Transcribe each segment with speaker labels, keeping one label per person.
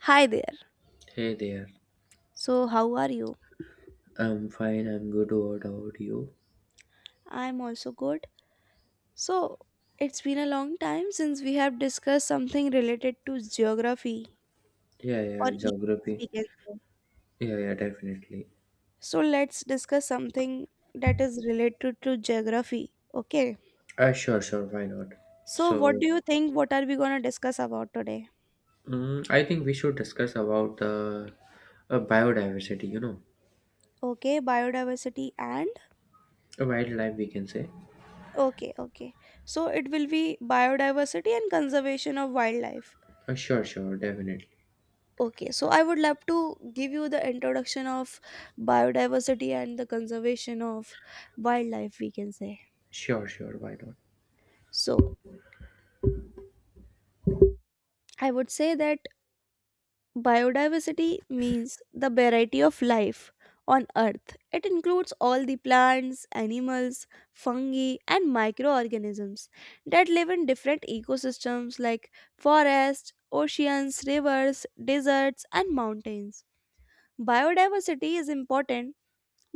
Speaker 1: Hi there.
Speaker 2: Hey there.
Speaker 1: So, how are you?
Speaker 2: I'm fine. I'm good. What about you?
Speaker 1: I'm also good. So, it's been a long time since we have discussed something related to geography
Speaker 2: Yeah,
Speaker 1: or
Speaker 2: yeah,
Speaker 1: even
Speaker 2: geography.
Speaker 1: we can say.
Speaker 2: Yeah, yeah, definitely.
Speaker 1: So, let's discuss something that is related to geography. Okay.
Speaker 2: Sure, sure. Why not?
Speaker 1: So, what do
Speaker 2: So,
Speaker 1: you think? What are we going to discuss about today?
Speaker 2: I think we should discuss about the biodiversity,
Speaker 1: Okay, biodiversity and
Speaker 2: wildlife, we can say.
Speaker 1: okay, okay. So, it will be biodiversity and conservation of wildlife.
Speaker 2: Sure, sure, definitely.
Speaker 1: Okay, so I would love to give you the introduction of biodiversity and the conservation of wildlife, we can say.
Speaker 2: Sure, sure. Why not?
Speaker 1: So, I would say that biodiversity means the variety of life on earth. It includes all the plants, animals, fungi, and microorganisms that live in different ecosystems like forests, oceans, rivers, deserts, and mountains. Biodiversity is important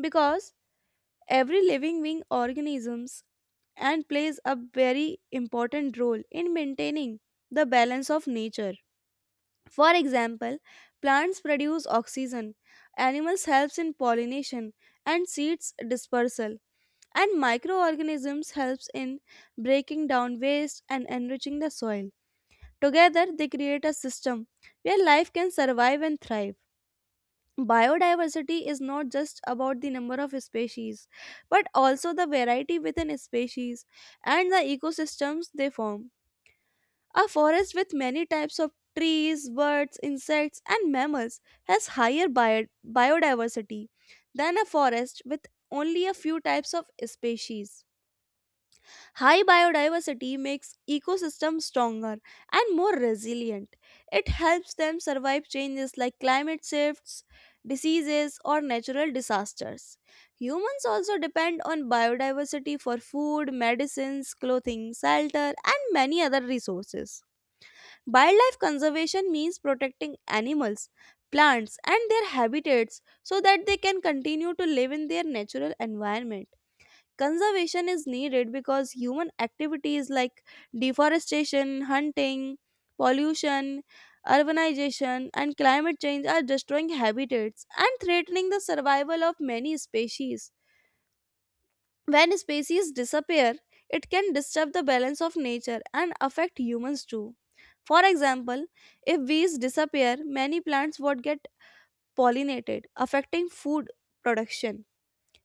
Speaker 1: because every living being organisms and plays a very important role in maintaining the balance of nature. For example, plants produce oxygen, animals helps in pollination and seeds dispersal, and microorganisms helps in breaking down waste and enriching the soil. Together they create a system where life can survive and thrive. Biodiversity is not just about the number of species, but also the variety within species and the ecosystems they form. A forest with many types of trees, birds, insects, and mammals has higher biodiversity than a forest with only a few types of species. High biodiversity makes ecosystems stronger and more resilient. It helps them survive changes like climate shifts, diseases, or natural disasters. Humans also depend on biodiversity for food, medicines, clothing, shelter, and many other resources. Wildlife conservation means protecting animals, plants, and their habitats so that they can continue to live in their natural environment. Conservation is needed because human activities like deforestation, hunting, pollution, urbanization, and climate change are destroying habitats and threatening the survival of many species. When species disappear, it can disturb the balance of nature and affect humans too. For example, if bees disappear, many plants would get pollinated, affecting food production.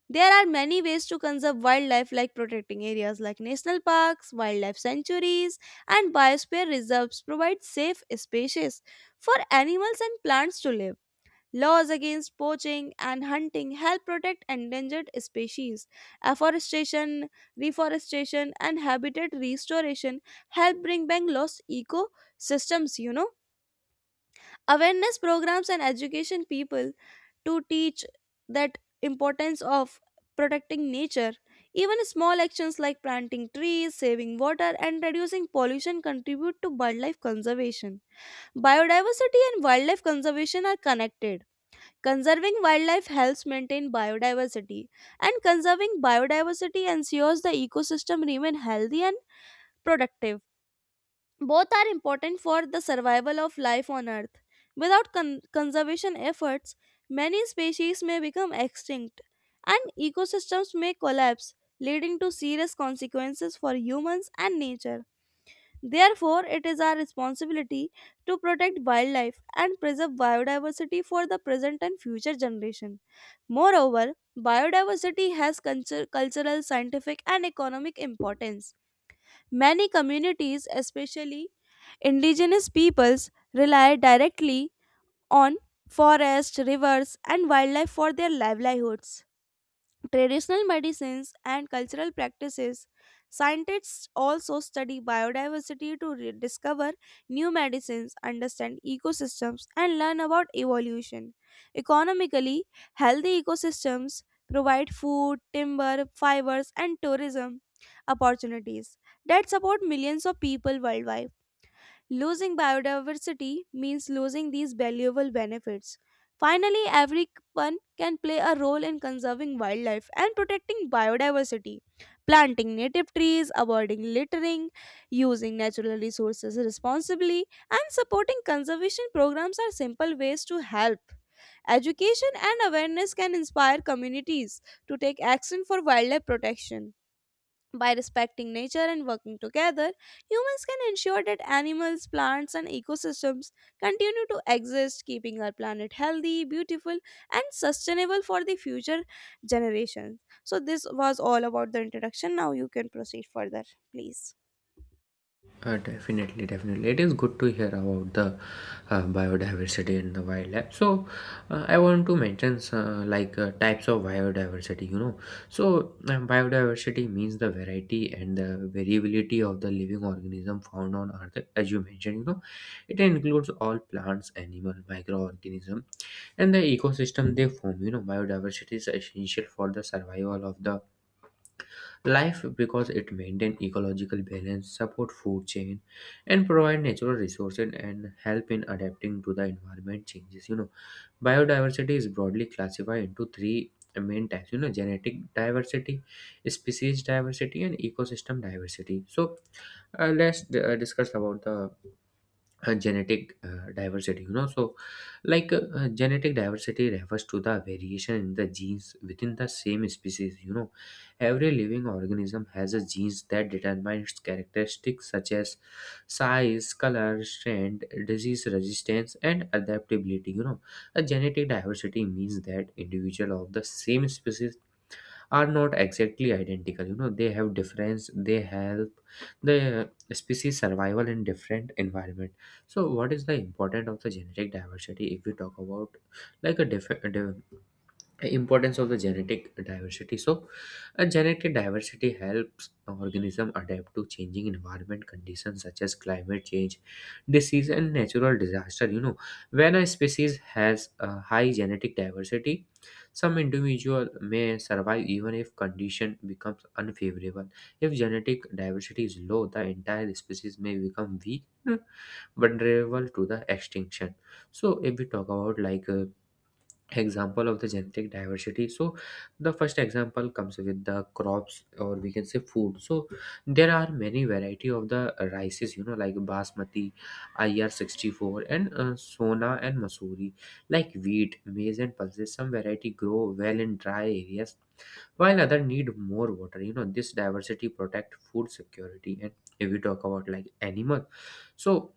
Speaker 1: There are many ways to conserve wildlife, like protecting areas like national parks, wildlife sanctuaries, and biosphere reserves provide safe spaces for animals and plants to live. Laws against poaching and hunting help protect endangered species. Afforestation, reforestation, and habitat restoration help bring back lost ecosystems. Awareness programs and education people to teach that importance of protecting nature. Even small actions like planting trees, saving water, and reducing pollution contribute to wildlife conservation. Biodiversity and wildlife conservation are connected. Conserving wildlife helps maintain biodiversity, and conserving biodiversity ensures the ecosystem remain healthy and productive. Both are important for the survival of life on Earth. Without conservation efforts, many species may become extinct and ecosystems may collapse, leading to serious consequences for humans and nature. Therefore, it is our responsibility to protect wildlife and preserve biodiversity for the present and future generation. Moreover, biodiversity has cultural, scientific, and economic importance. Many communities, especially Indigenous peoples, rely directly on forests, rivers, and wildlife for their livelihoods. Traditional medicines and cultural practices. Scientists also study biodiversity to discover new medicines, understand ecosystems, and learn about evolution. Economically, healthy ecosystems provide food, timber, fibers, and tourism opportunities that support millions of people worldwide. Losing biodiversity means losing these valuable benefits. Finally, everyone can play a role in conserving wildlife and protecting biodiversity. Planting native trees, avoiding littering, using natural resources responsibly, and supporting conservation programs are simple ways to help. Education and awareness can inspire communities to take action for wildlife protection. By respecting nature and working together, humans can ensure that animals, plants, and ecosystems continue to exist, keeping our planet healthy, beautiful, and sustainable for the future generations. So, this was all about the introduction. Now, you can proceed further, please.
Speaker 2: Definitely, definitely. It is good to hear about the biodiversity in the wildlife. So, I want to mention like types of biodiversity. So, biodiversity means the variety and the variability of the living organism found on Earth, as you mentioned. It includes all plants, animal, microorganism, and the ecosystem they form. Biodiversity is essential for the survival of the life because it maintains ecological balance, support food chain, and provide natural resources and help in adapting to the environment changes. Biodiversity is broadly classified into three main types. Genetic diversity, species diversity, and ecosystem diversity. So let's discuss about the genetic diversity. So like genetic diversity refers to the variation in the genes within the same species. Every living organism has a genes that determine its characteristics such as size, color, strength, disease resistance, and adaptability. A genetic diversity means that individual of the same species are not exactly identical. They have difference. They help the species survival in different environment. So what is the importance of the genetic diversity? If we talk about like a different importance of the genetic diversity, so a genetic diversity helps organism adapt to changing environment conditions such as climate change, disease, and natural disaster. When a species has a high genetic diversity, some individual may survive even if condition becomes unfavorable. If genetic diversity is low, the entire species may become weak, vulnerable to the extinction. So if we talk about like example of the genetic diversity, so the first example comes with the crops, or we can say food. So there are many variety of the rices, like basmati, IR64, and sona and masuri, like wheat, maize, and pulses. Some variety grow well in dry areas while other need more water. This diversity protect food security. And if we talk about like animal, so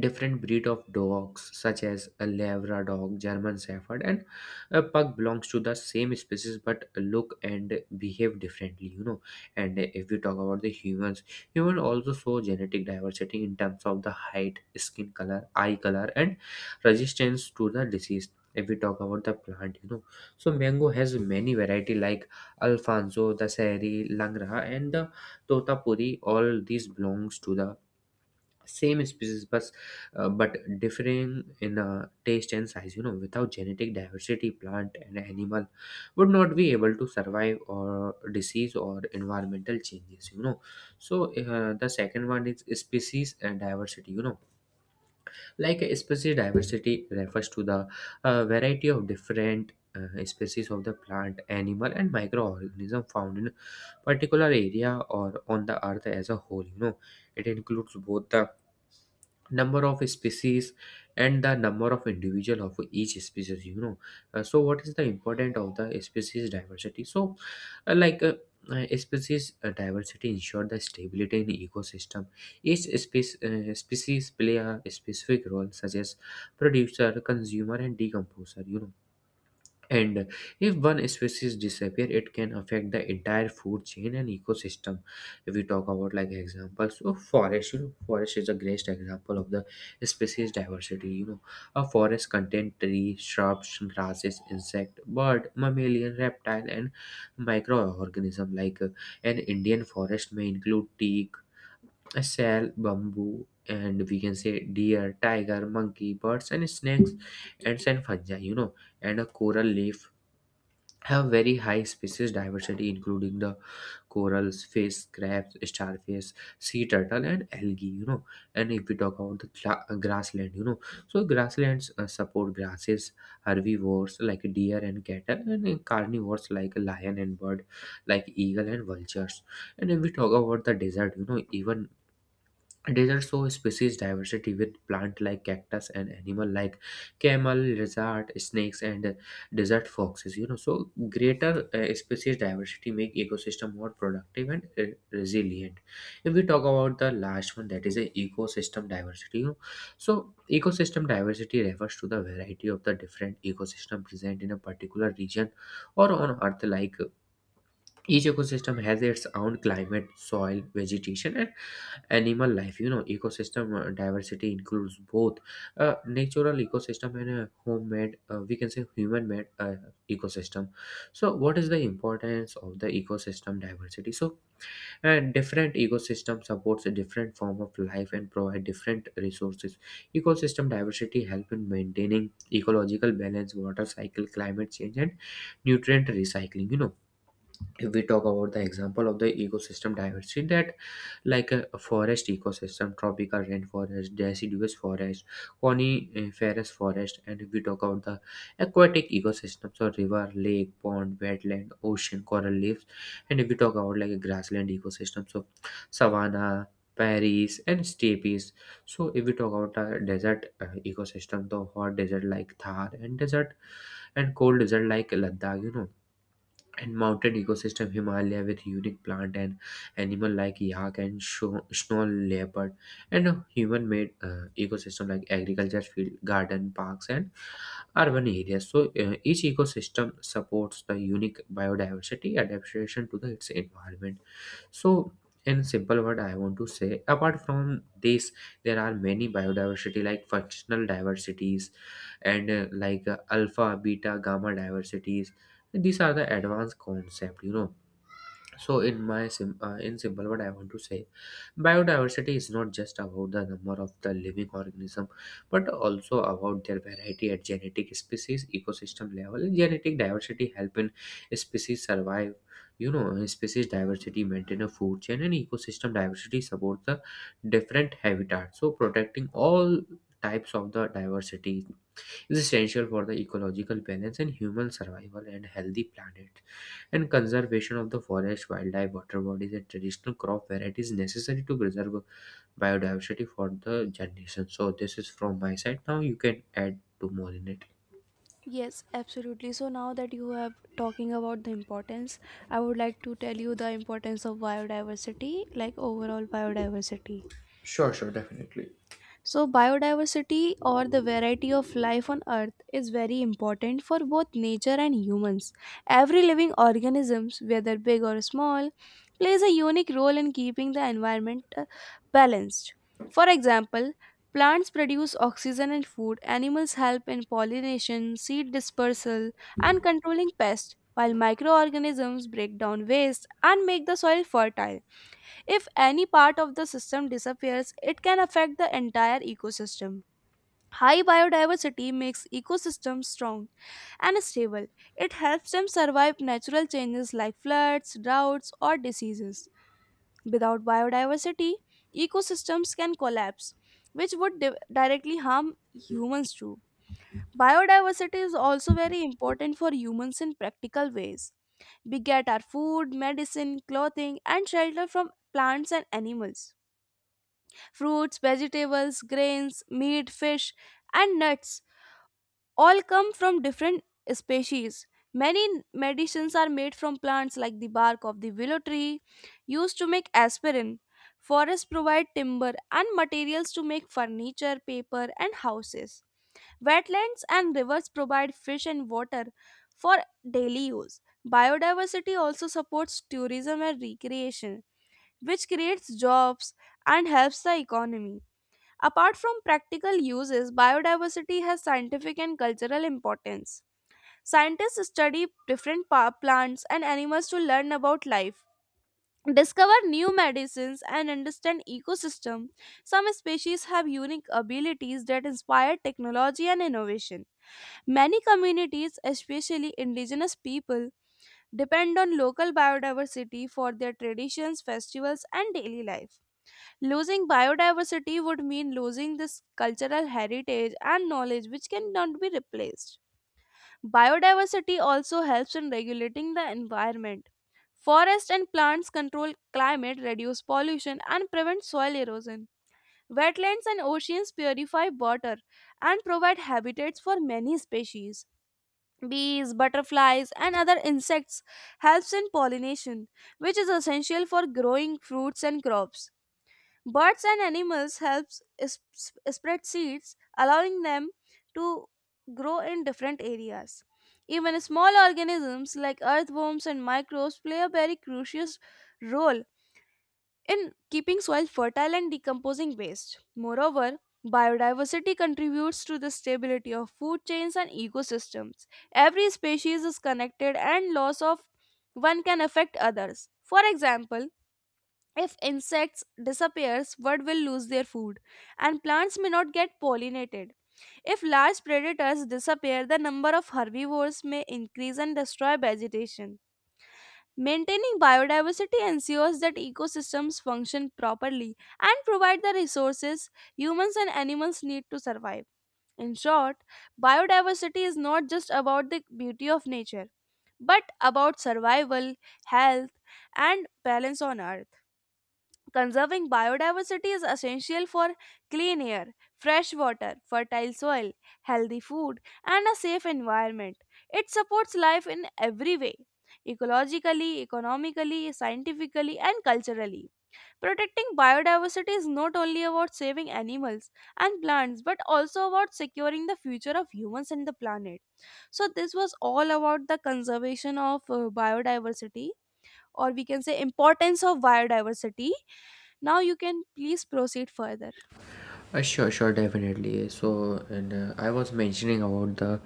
Speaker 2: different breed of dogs, such as a Labrador, German Shepherd, and a pug, belongs to the same species but look and behave differently. And if we talk about the humans, humans also show genetic diversity in terms of the height, skin color, eye color, and resistance to the disease. If we talk about the plant, so mango has many variety like Alfonso, the Sari, Langra, and the Totapuri. All these belongs to the same species, but differing in taste and size. You know without genetic diversity, plant and animal would not be able to survive or disease or environmental changes. So the second one is species and diversity. Like a species diversity refers to the variety of different species of the plant, animal, and microorganism found in particular area or on the earth as a whole. It includes both the number of species and the number of individual of each species. So what is the important of the species diversity? So like species diversity ensure the stability in ecosystem. Each species play a specific role such as producer, consumer, and decomposer. And if one species disappear, it can affect the entire food chain and ecosystem. If we talk about like examples, so forest is the greatest example of the species diversity. A forest contain trees, shrubs, grasses, insect, bird, mammalian, reptile, and microorganism. Like an Indian forest may include teak, a sal, bamboo, and we can say deer, tiger, monkey, birds, and snakes, ants and fungi. And a coral leaf have very high species diversity including the corals, fish, crabs, starfish, sea turtle, and algae. And if we talk about the grassland, so grasslands support grasses, herbivores like deer and cattle, and carnivores like lion and bird like eagle and vultures. And if we talk about the desert, even deserts show species diversity with plant like cactus and animal like camel, lizard, snakes, and desert foxes. So greater species diversity make ecosystem more productive and resilient. If we talk about the last one, that is a ecosystem diversity. So ecosystem diversity refers to the variety of the different ecosystem present in a particular region or on Earth. Like each ecosystem has its own climate, soil, vegetation, and animal life. Ecosystem diversity includes both natural ecosystem and homemade, we can say human made ecosystem. So what is the importance of the ecosystem diversity? So different ecosystem supports a different form of life and provide different resources. Ecosystem diversity help in maintaining ecological balance, water cycle, climate change, and nutrient recycling. If we talk about the example of the ecosystem diversity, that like a forest ecosystem: tropical rainforest, deciduous forest, coniferous forest. And if we talk about the aquatic ecosystem, so river, lake, pond, wetland, ocean, coral reefs. And if we talk about like a grassland ecosystem, so savanna, prairies, and steppes. So if we talk about a desert ecosystem, the hot desert like Thar and desert, and cold desert like Ladakh. And mountain ecosystem, Himalaya, with unique plant and animal like yak and snow leopard. And human made ecosystem like agriculture field, garden, parks, and urban areas. So each ecosystem supports the unique biodiversity adaptation to the, its environment. So in simple word, I want to say apart from this, there are many biodiversity like functional diversities and like alpha, beta, gamma diversities. These are the advanced concept. So in simple what I want to say, biodiversity is not just about the number of the living organism but also about their variety at genetic, species, ecosystem level. Genetic diversity help in species survive. Species diversity maintain a food chain, and ecosystem diversity support the different habitats. So protecting all types of the diversity is essential for the ecological balance and human survival and healthy planet, and conservation of the forest, wildlife, water bodies, and traditional crop varieties necessary to preserve biodiversity for the generation. So this is from my side. Now you can add to more in it.
Speaker 1: Yes, absolutely. So now that you have talking about the importance, I would like to tell you the importance of biodiversity, like overall biodiversity.
Speaker 2: Sure, sure, definitely.
Speaker 1: So, biodiversity or the variety of life on Earth is very important for both nature and humans. Every living organism, whether big or small, plays a unique role in keeping the environment balanced. For example, plants produce oxygen and food, animals help in pollination, seed dispersal, and controlling pests, while microorganisms break down waste and make the soil fertile. If any part of the system disappears, it can affect the entire ecosystem. High biodiversity makes ecosystems strong and stable. It helps them survive natural changes like floods, droughts, or diseases. Without biodiversity, ecosystems can collapse, which would directly harm humans too. Biodiversity is also very important for humans in practical ways. We get our food, medicine, clothing, and shelter from plants and animals. Fruits, vegetables, grains, meat, fish, and nuts all come from different species. Many medicines are made from plants like the bark of the willow tree, used to make aspirin. Forests provide timber and materials to make furniture, paper, and houses. Wetlands and rivers provide fish and water for daily use. Biodiversity also supports tourism and recreation, which creates jobs and helps the economy. Apart from practical uses, biodiversity has scientific and cultural importance. Scientists study different plants and animals to learn about life, discover new medicines, and understand ecosystem. Some species have unique abilities that inspire technology and innovation. Many communities, especially indigenous people, depend on local biodiversity for their traditions, festivals, and daily life. Losing biodiversity would mean losing this cultural heritage and knowledge, which cannot be replaced. Biodiversity also helps in regulating the environment. Forests and plants control climate, reduce pollution, and prevent soil erosion. Wetlands and oceans purify water and provide habitats for many species. Bees, butterflies, and other insects helps in pollination, which is essential for growing fruits and crops. Birds and animals helps spread seeds, allowing them to grow in different areas. Even small organisms like earthworms and microbes play a very crucial role in keeping soil fertile and decomposing waste. Moreover, biodiversity contributes to the stability of food chains and ecosystems. Every species is connected and loss of one can affect others. For example, if insects disappears, birds will lose their food and plants may not get pollinated. If large predators disappear, the number of herbivores may increase and destroy vegetation. Maintaining biodiversity ensures that ecosystems function properly and provide the resources humans and animals need to survive. In short, biodiversity is not just about the beauty of nature, but about survival, health, and balance on Earth. Conserving biodiversity is essential for clean air, fresh water, fertile soil, healthy food, and a safe environment. It supports life in every way ecologically, economically, scientifically, and culturally. Protecting biodiversity is not only about saving animals and plants but also about securing the future of humans and the planet. So, this was all about the conservation of biodiversity, or we can say, importance of biodiversity. Now you can please proceed further.
Speaker 2: Sure, sure, definitely. So, and I was mentioning about the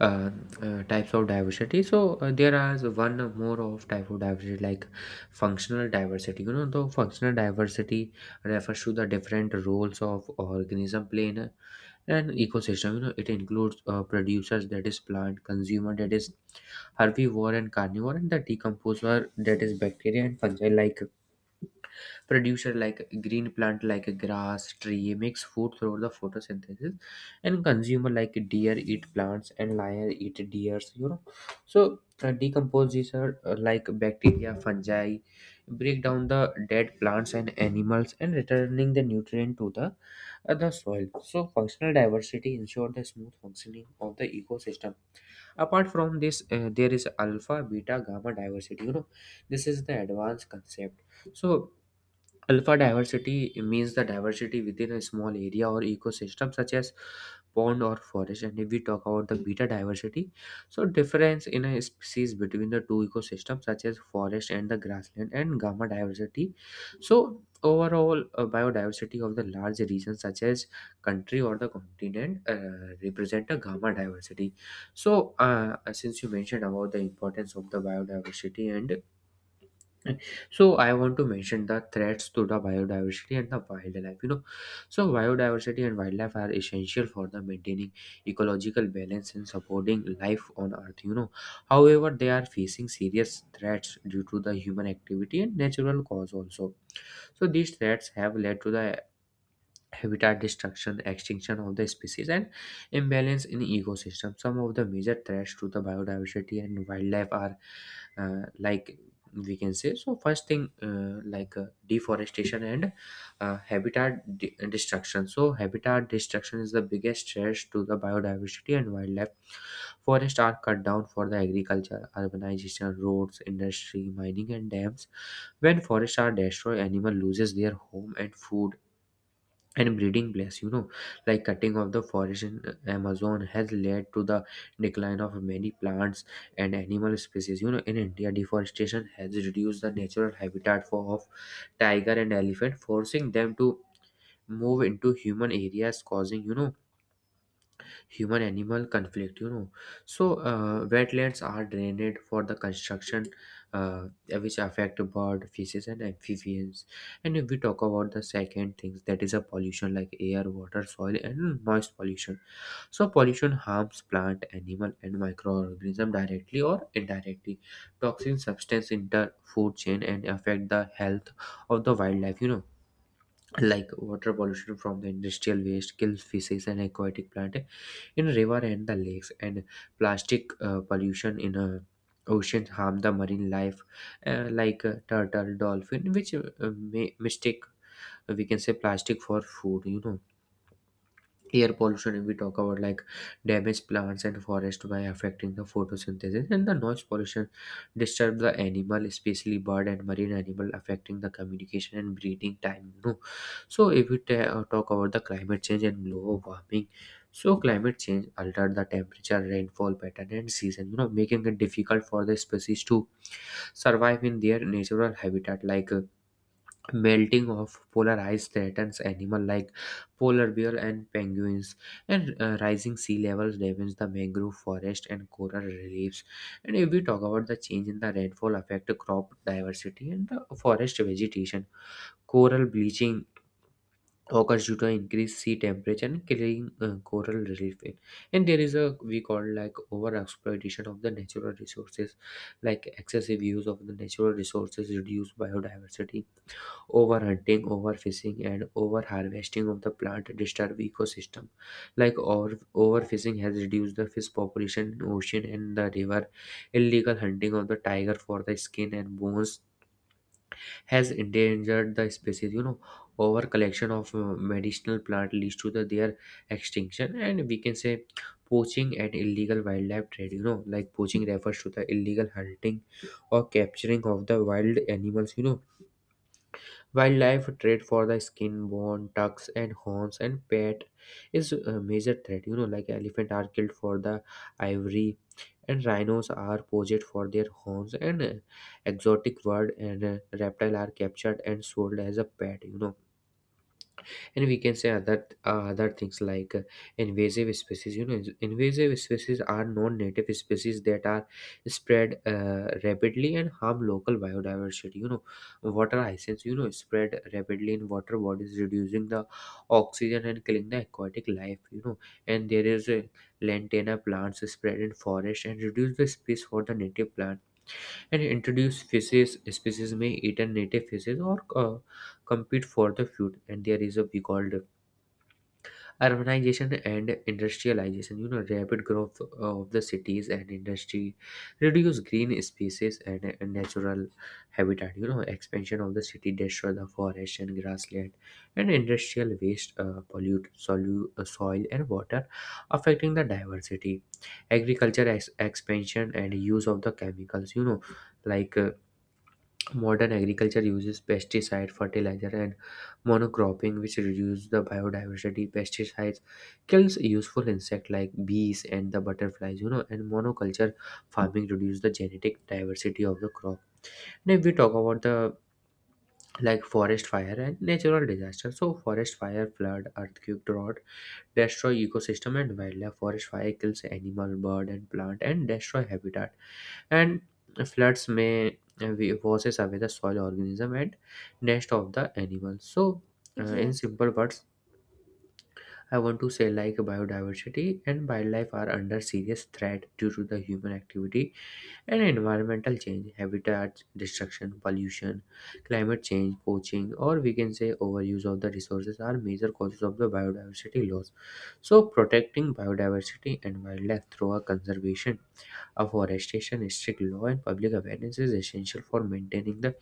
Speaker 2: uh, types of diversity. So, there are one more of type of diversity, like functional diversity. The functional diversity refers to the different roles of organism play in an ecosystem. It includes producers, that is plant, consumer, that is herbivore and carnivore, and the decomposer, that is bacteria and fungi. Like producer like green plant like grass tree makes food through the photosynthesis, and consumer like deer eat plants and lion eat deers. So decompose, these are like bacteria, fungi, break down the dead plants and animals and returning the nutrient to the soil. So functional diversity ensure the smooth functioning of the ecosystem. Apart from this, there is alpha, beta, gamma diversity. This is the advanced concept. So alpha diversity means the diversity within a small area or ecosystem, such as pond or forest. And if we talk about the beta diversity, so difference in a species between the two ecosystems, such as forest and the grassland, and gamma diversity. So overall, biodiversity of the large region, such as country or the continent, represent a gamma diversity. So since you mentioned about the importance of the biodiversity, and so I want to mention the threats to the biodiversity and the wildlife. So biodiversity and wildlife are essential for the maintaining ecological balance and supporting life on Earth. However, they are facing serious threats due to the human activity and natural cause also. So these threats have led to the habitat destruction, extinction of the species, and imbalance in ecosystem. Some of the major threats to the biodiversity and wildlife are like we can say so first thing, deforestation and habitat destruction. So habitat destruction is the biggest threat to the biodiversity and wildlife. Forests are cut down for the agriculture, urbanization, roads, industry, mining, and dams. When forests are destroyed, animal loses their home and food and breeding place. Like cutting of the forest in Amazon has led to the decline of many plants and animal species. In India, deforestation has reduced the natural habitat for of tiger and elephant, forcing them to move into human areas, causing, human animal conflict. So wetlands are drained for the construction, uh, which affect bird, fishes, and amphibians. And if we talk about the second things, that is a pollution, like air, water, soil, and noise pollution. So pollution harms plant, animal, and microorganism directly or indirectly. Toxin substance enter food chain and affect the health of the wildlife. Like water pollution from the industrial waste kills fishes and aquatic plant in river and the lakes, and plastic pollution in oceans harm the marine life, like turtle, dolphin, which may mistake, we can say plastic for food. Air pollution, if we talk about, like, damage plants and forest by affecting the photosynthesis, and the noise pollution disturb the animal, especially bird and marine animal, affecting the communication and breeding time. So if we talk about the climate change and global warming, so climate change altered the temperature, rainfall pattern, and season, making it difficult for the species to survive in their natural habitat. Like melting of polar ice threatens animals like polar bear and penguins, and rising sea levels damage the mangrove forest and coral reefs. And if we talk about the change in the rainfall, affect crop diversity and the forest vegetation. Coral bleaching occurs due to increased sea temperature and killing coral reef. And there is a, we call, like, over exploitation of the natural resources. Like excessive use of the natural resources reduce biodiversity. Overhunting, overfishing, and overharvesting of the plant disturb ecosystem. Like overfishing has reduced the fish population in ocean and the river. Illegal hunting of the tiger for the skin and bones has endangered the species. Over collection of medicinal plant leads to the, their extinction. And we can say poaching and illegal wildlife trade. You know, like poaching refers to the illegal hunting or capturing of the wild animals. Wildlife trade for the skin, bone, tusks, and horns, and pet is a major threat. You know, like elephant are killed for the ivory, and rhinos are poached for their horns, and exotic bird and reptile are captured and sold as a pet. And we can say other things like invasive species. Invasive species are non-native species that are spread rapidly and harm local biodiversity. Water hyacinths, spread rapidly in water bodies, reducing the oxygen and killing the aquatic life. And there is a lantana plants spread in forest and reduce the space for the native plant, and introduce fishes species may eat a native fishes or compete for the food. And there is a, we called, urbanization and industrialization. Rapid growth of the cities and industry reduce green spaces and natural habitat. Expansion of the city destroy the forest and grassland, and industrial waste pollute soil and water, affecting the diversity. Agriculture expansion and use of the chemicals. like uh, Modern agriculture uses pesticide, fertilizer, and monocropping, which reduce the biodiversity. Pesticides kills useful insect like bees and the butterflies, and monoculture farming reduce the genetic diversity of the crop. And if we talk about the, like, forest fire and natural disaster, so forest fire, flood, earthquake, drought destroy ecosystem and wildlife. Forest fire kills animal, bird, and plant, and destroy habitat, and floods may washes away the soil organism and nest of the animals. So in
Speaker 1: Yes.
Speaker 2: simple words, I want to say, like, biodiversity and wildlife are under serious threat due to the human activity and environmental change. Habitat destruction, pollution, climate change, poaching, or we can say overuse of the resources are major causes of the biodiversity loss. So protecting biodiversity and wildlife through a conservation, afforestation, strict law, and public awareness is essential for maintaining the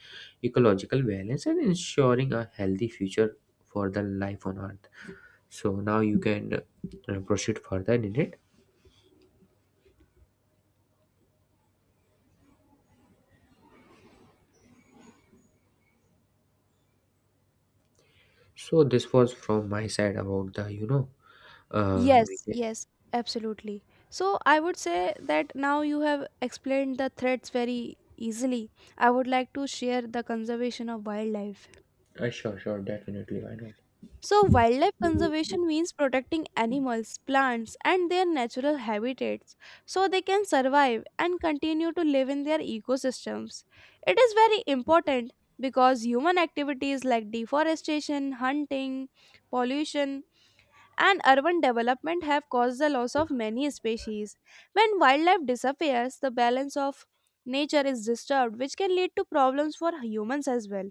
Speaker 2: ecological balance and ensuring a healthy future for the life on Earth. So now you can proceed further in it. So this was from my side about the, uh,
Speaker 1: Yes,
Speaker 2: we-
Speaker 1: yes, absolutely. So I would say that now you have explained the threats very easily. I would like to share the conservation of wildlife.
Speaker 2: uh, sure, sure, definitely, why
Speaker 1: So, wildlife conservation means protecting animals, plants, and their natural habitats so they can survive and continue to live in their ecosystems. It is very important because human activities like deforestation, hunting, pollution, and urban development have caused the loss of many species. When wildlife disappears, the balance of nature is disturbed, which can lead to problems for humans as well.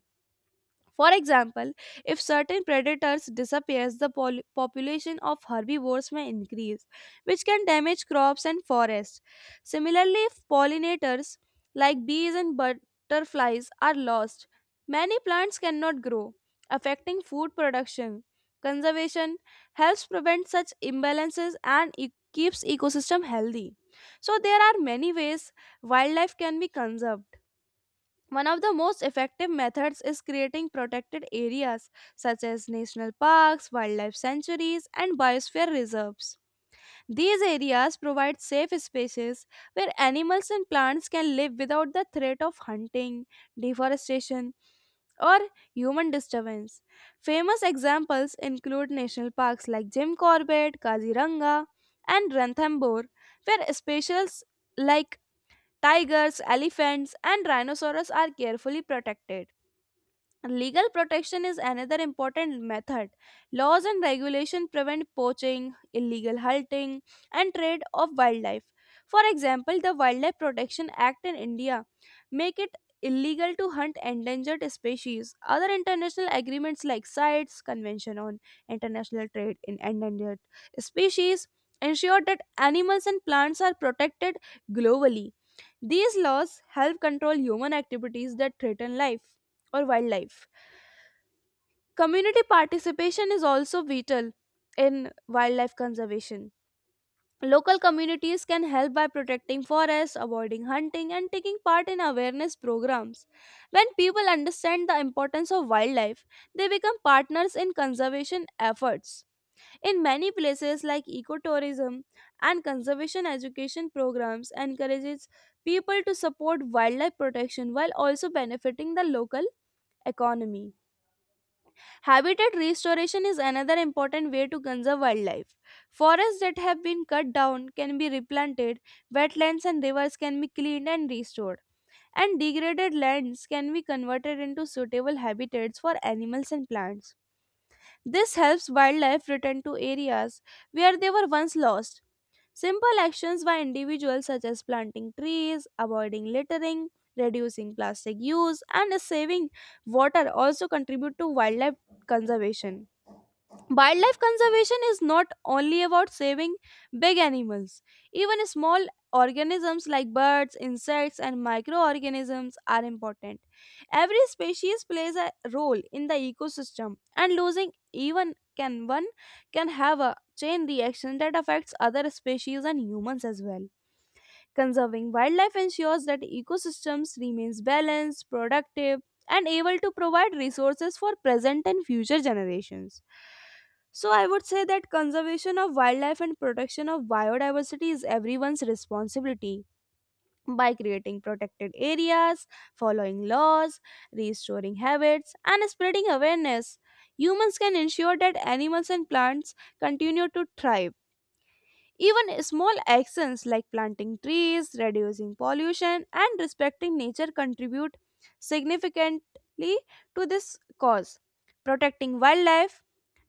Speaker 1: For example, if certain predators disappears, the population of herbivores may increase, which can damage crops and forests. Similarly, if pollinators like bees and butterflies are lost, many plants cannot grow, affecting food production. Conservation helps prevent such imbalances and keeps ecosystem healthy. So there are many ways wildlife can be conserved. One of the most effective methods is creating protected areas such as national parks, wildlife sanctuaries, and biosphere reserves. These areas provide safe spaces where animals and plants can live without the threat of hunting, deforestation, or human disturbance. Famous examples include national parks like Jim Corbett, Kaziranga, and Ranthambore, where specials like tigers, elephants, and rhinoceros are carefully protected. Legal protection is another important method. Laws and regulation prevent poaching, illegal hunting, and trade of wildlife. For example, the Wildlife Protection Act in India make it illegal to hunt endangered species. Other international agreements like CITES, Convention on International Trade in Endangered Species, ensure that animals and plants are protected globally. These laws help control human activities that threaten life or wildlife. Community participation is also vital in wildlife conservation. Local communities can help by protecting forests, avoiding hunting, and taking part in awareness programs. When people understand the importance of wildlife, they become partners in conservation efforts. In many places like ecotourism and conservation education programs encourages people to support wildlife protection while also benefiting the local economy. Habitat restoration is another important way to conserve wildlife. Forests that have been cut down can be replanted, wetlands and rivers can be cleaned and restored, and degraded lands can be converted into suitable habitats for animals and plants. This helps wildlife return to areas where they were once lost. Simple actions by individuals such as planting trees, avoiding littering, reducing plastic use, and saving water also contribute to wildlife conservation. Wildlife conservation is not only about saving big animals. Even small organisms like birds, insects, and microorganisms are important. Every species plays a role in the ecosystem, and losing even can one can have a chain reaction that affects other species and humans as well. Conserving wildlife ensures that ecosystems remains balanced, productive, and able to provide resources for present and future generations. So I would say that conservation of wildlife and protection of biodiversity is everyone's responsibility by creating protected areas, following laws, restoring habits, and spreading awareness. Humans can ensure that animals and plants continue to thrive. Even small actions like planting trees, reducing pollution, and respecting nature contribute significantly to this cause. Protecting wildlife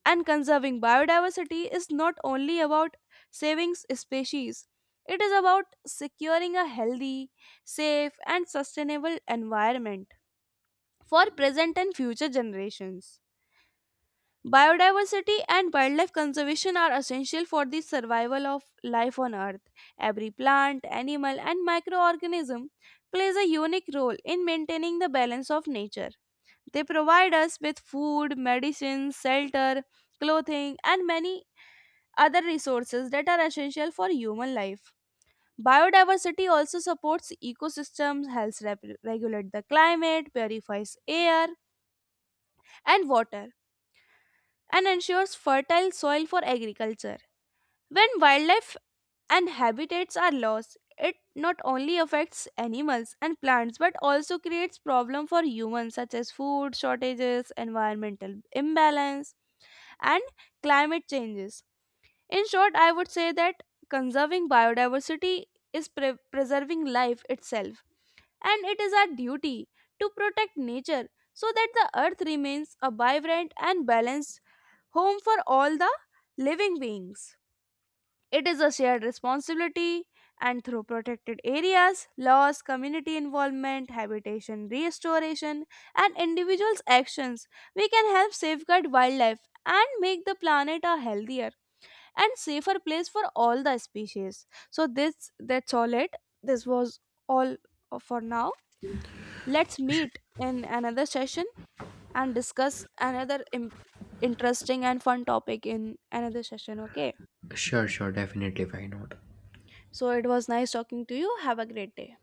Speaker 1: and conserving biodiversity is not only about saving species, it is about securing a healthy, safe, and sustainable environment for present and future generations. Biodiversity and wildlife conservation are essential for the survival of life on Earth. Every plant, animal, and microorganism plays a unique role in maintaining the balance of nature. They provide us with food, medicines, shelter, clothing, and many other resources that are essential for human life. Biodiversity also supports ecosystems, helps regulate the climate, purifies air and water, and ensures fertile soil for agriculture. When wildlife and habitats are lost, it not only affects animals and plants but also creates problems for humans such as food shortages, environmental imbalance, and climate changes. In short, I would say that conserving biodiversity is preserving life itself, and it is our duty to protect nature so that the earth remains a vibrant and balanced home for all the living beings. It is a shared responsibility, and through protected areas, laws, community involvement, habitation restoration, and individuals' actions, we can help safeguard wildlife and make the planet a healthier and safer place for all the species. So this that's all it. This was all for now. Let's
Speaker 2: not?
Speaker 1: meet in another session and discuss another interesting and fun topic in another session, okay?
Speaker 2: Sure, sure, definitely, why not?
Speaker 1: So it was nice talking to you. Have a great day.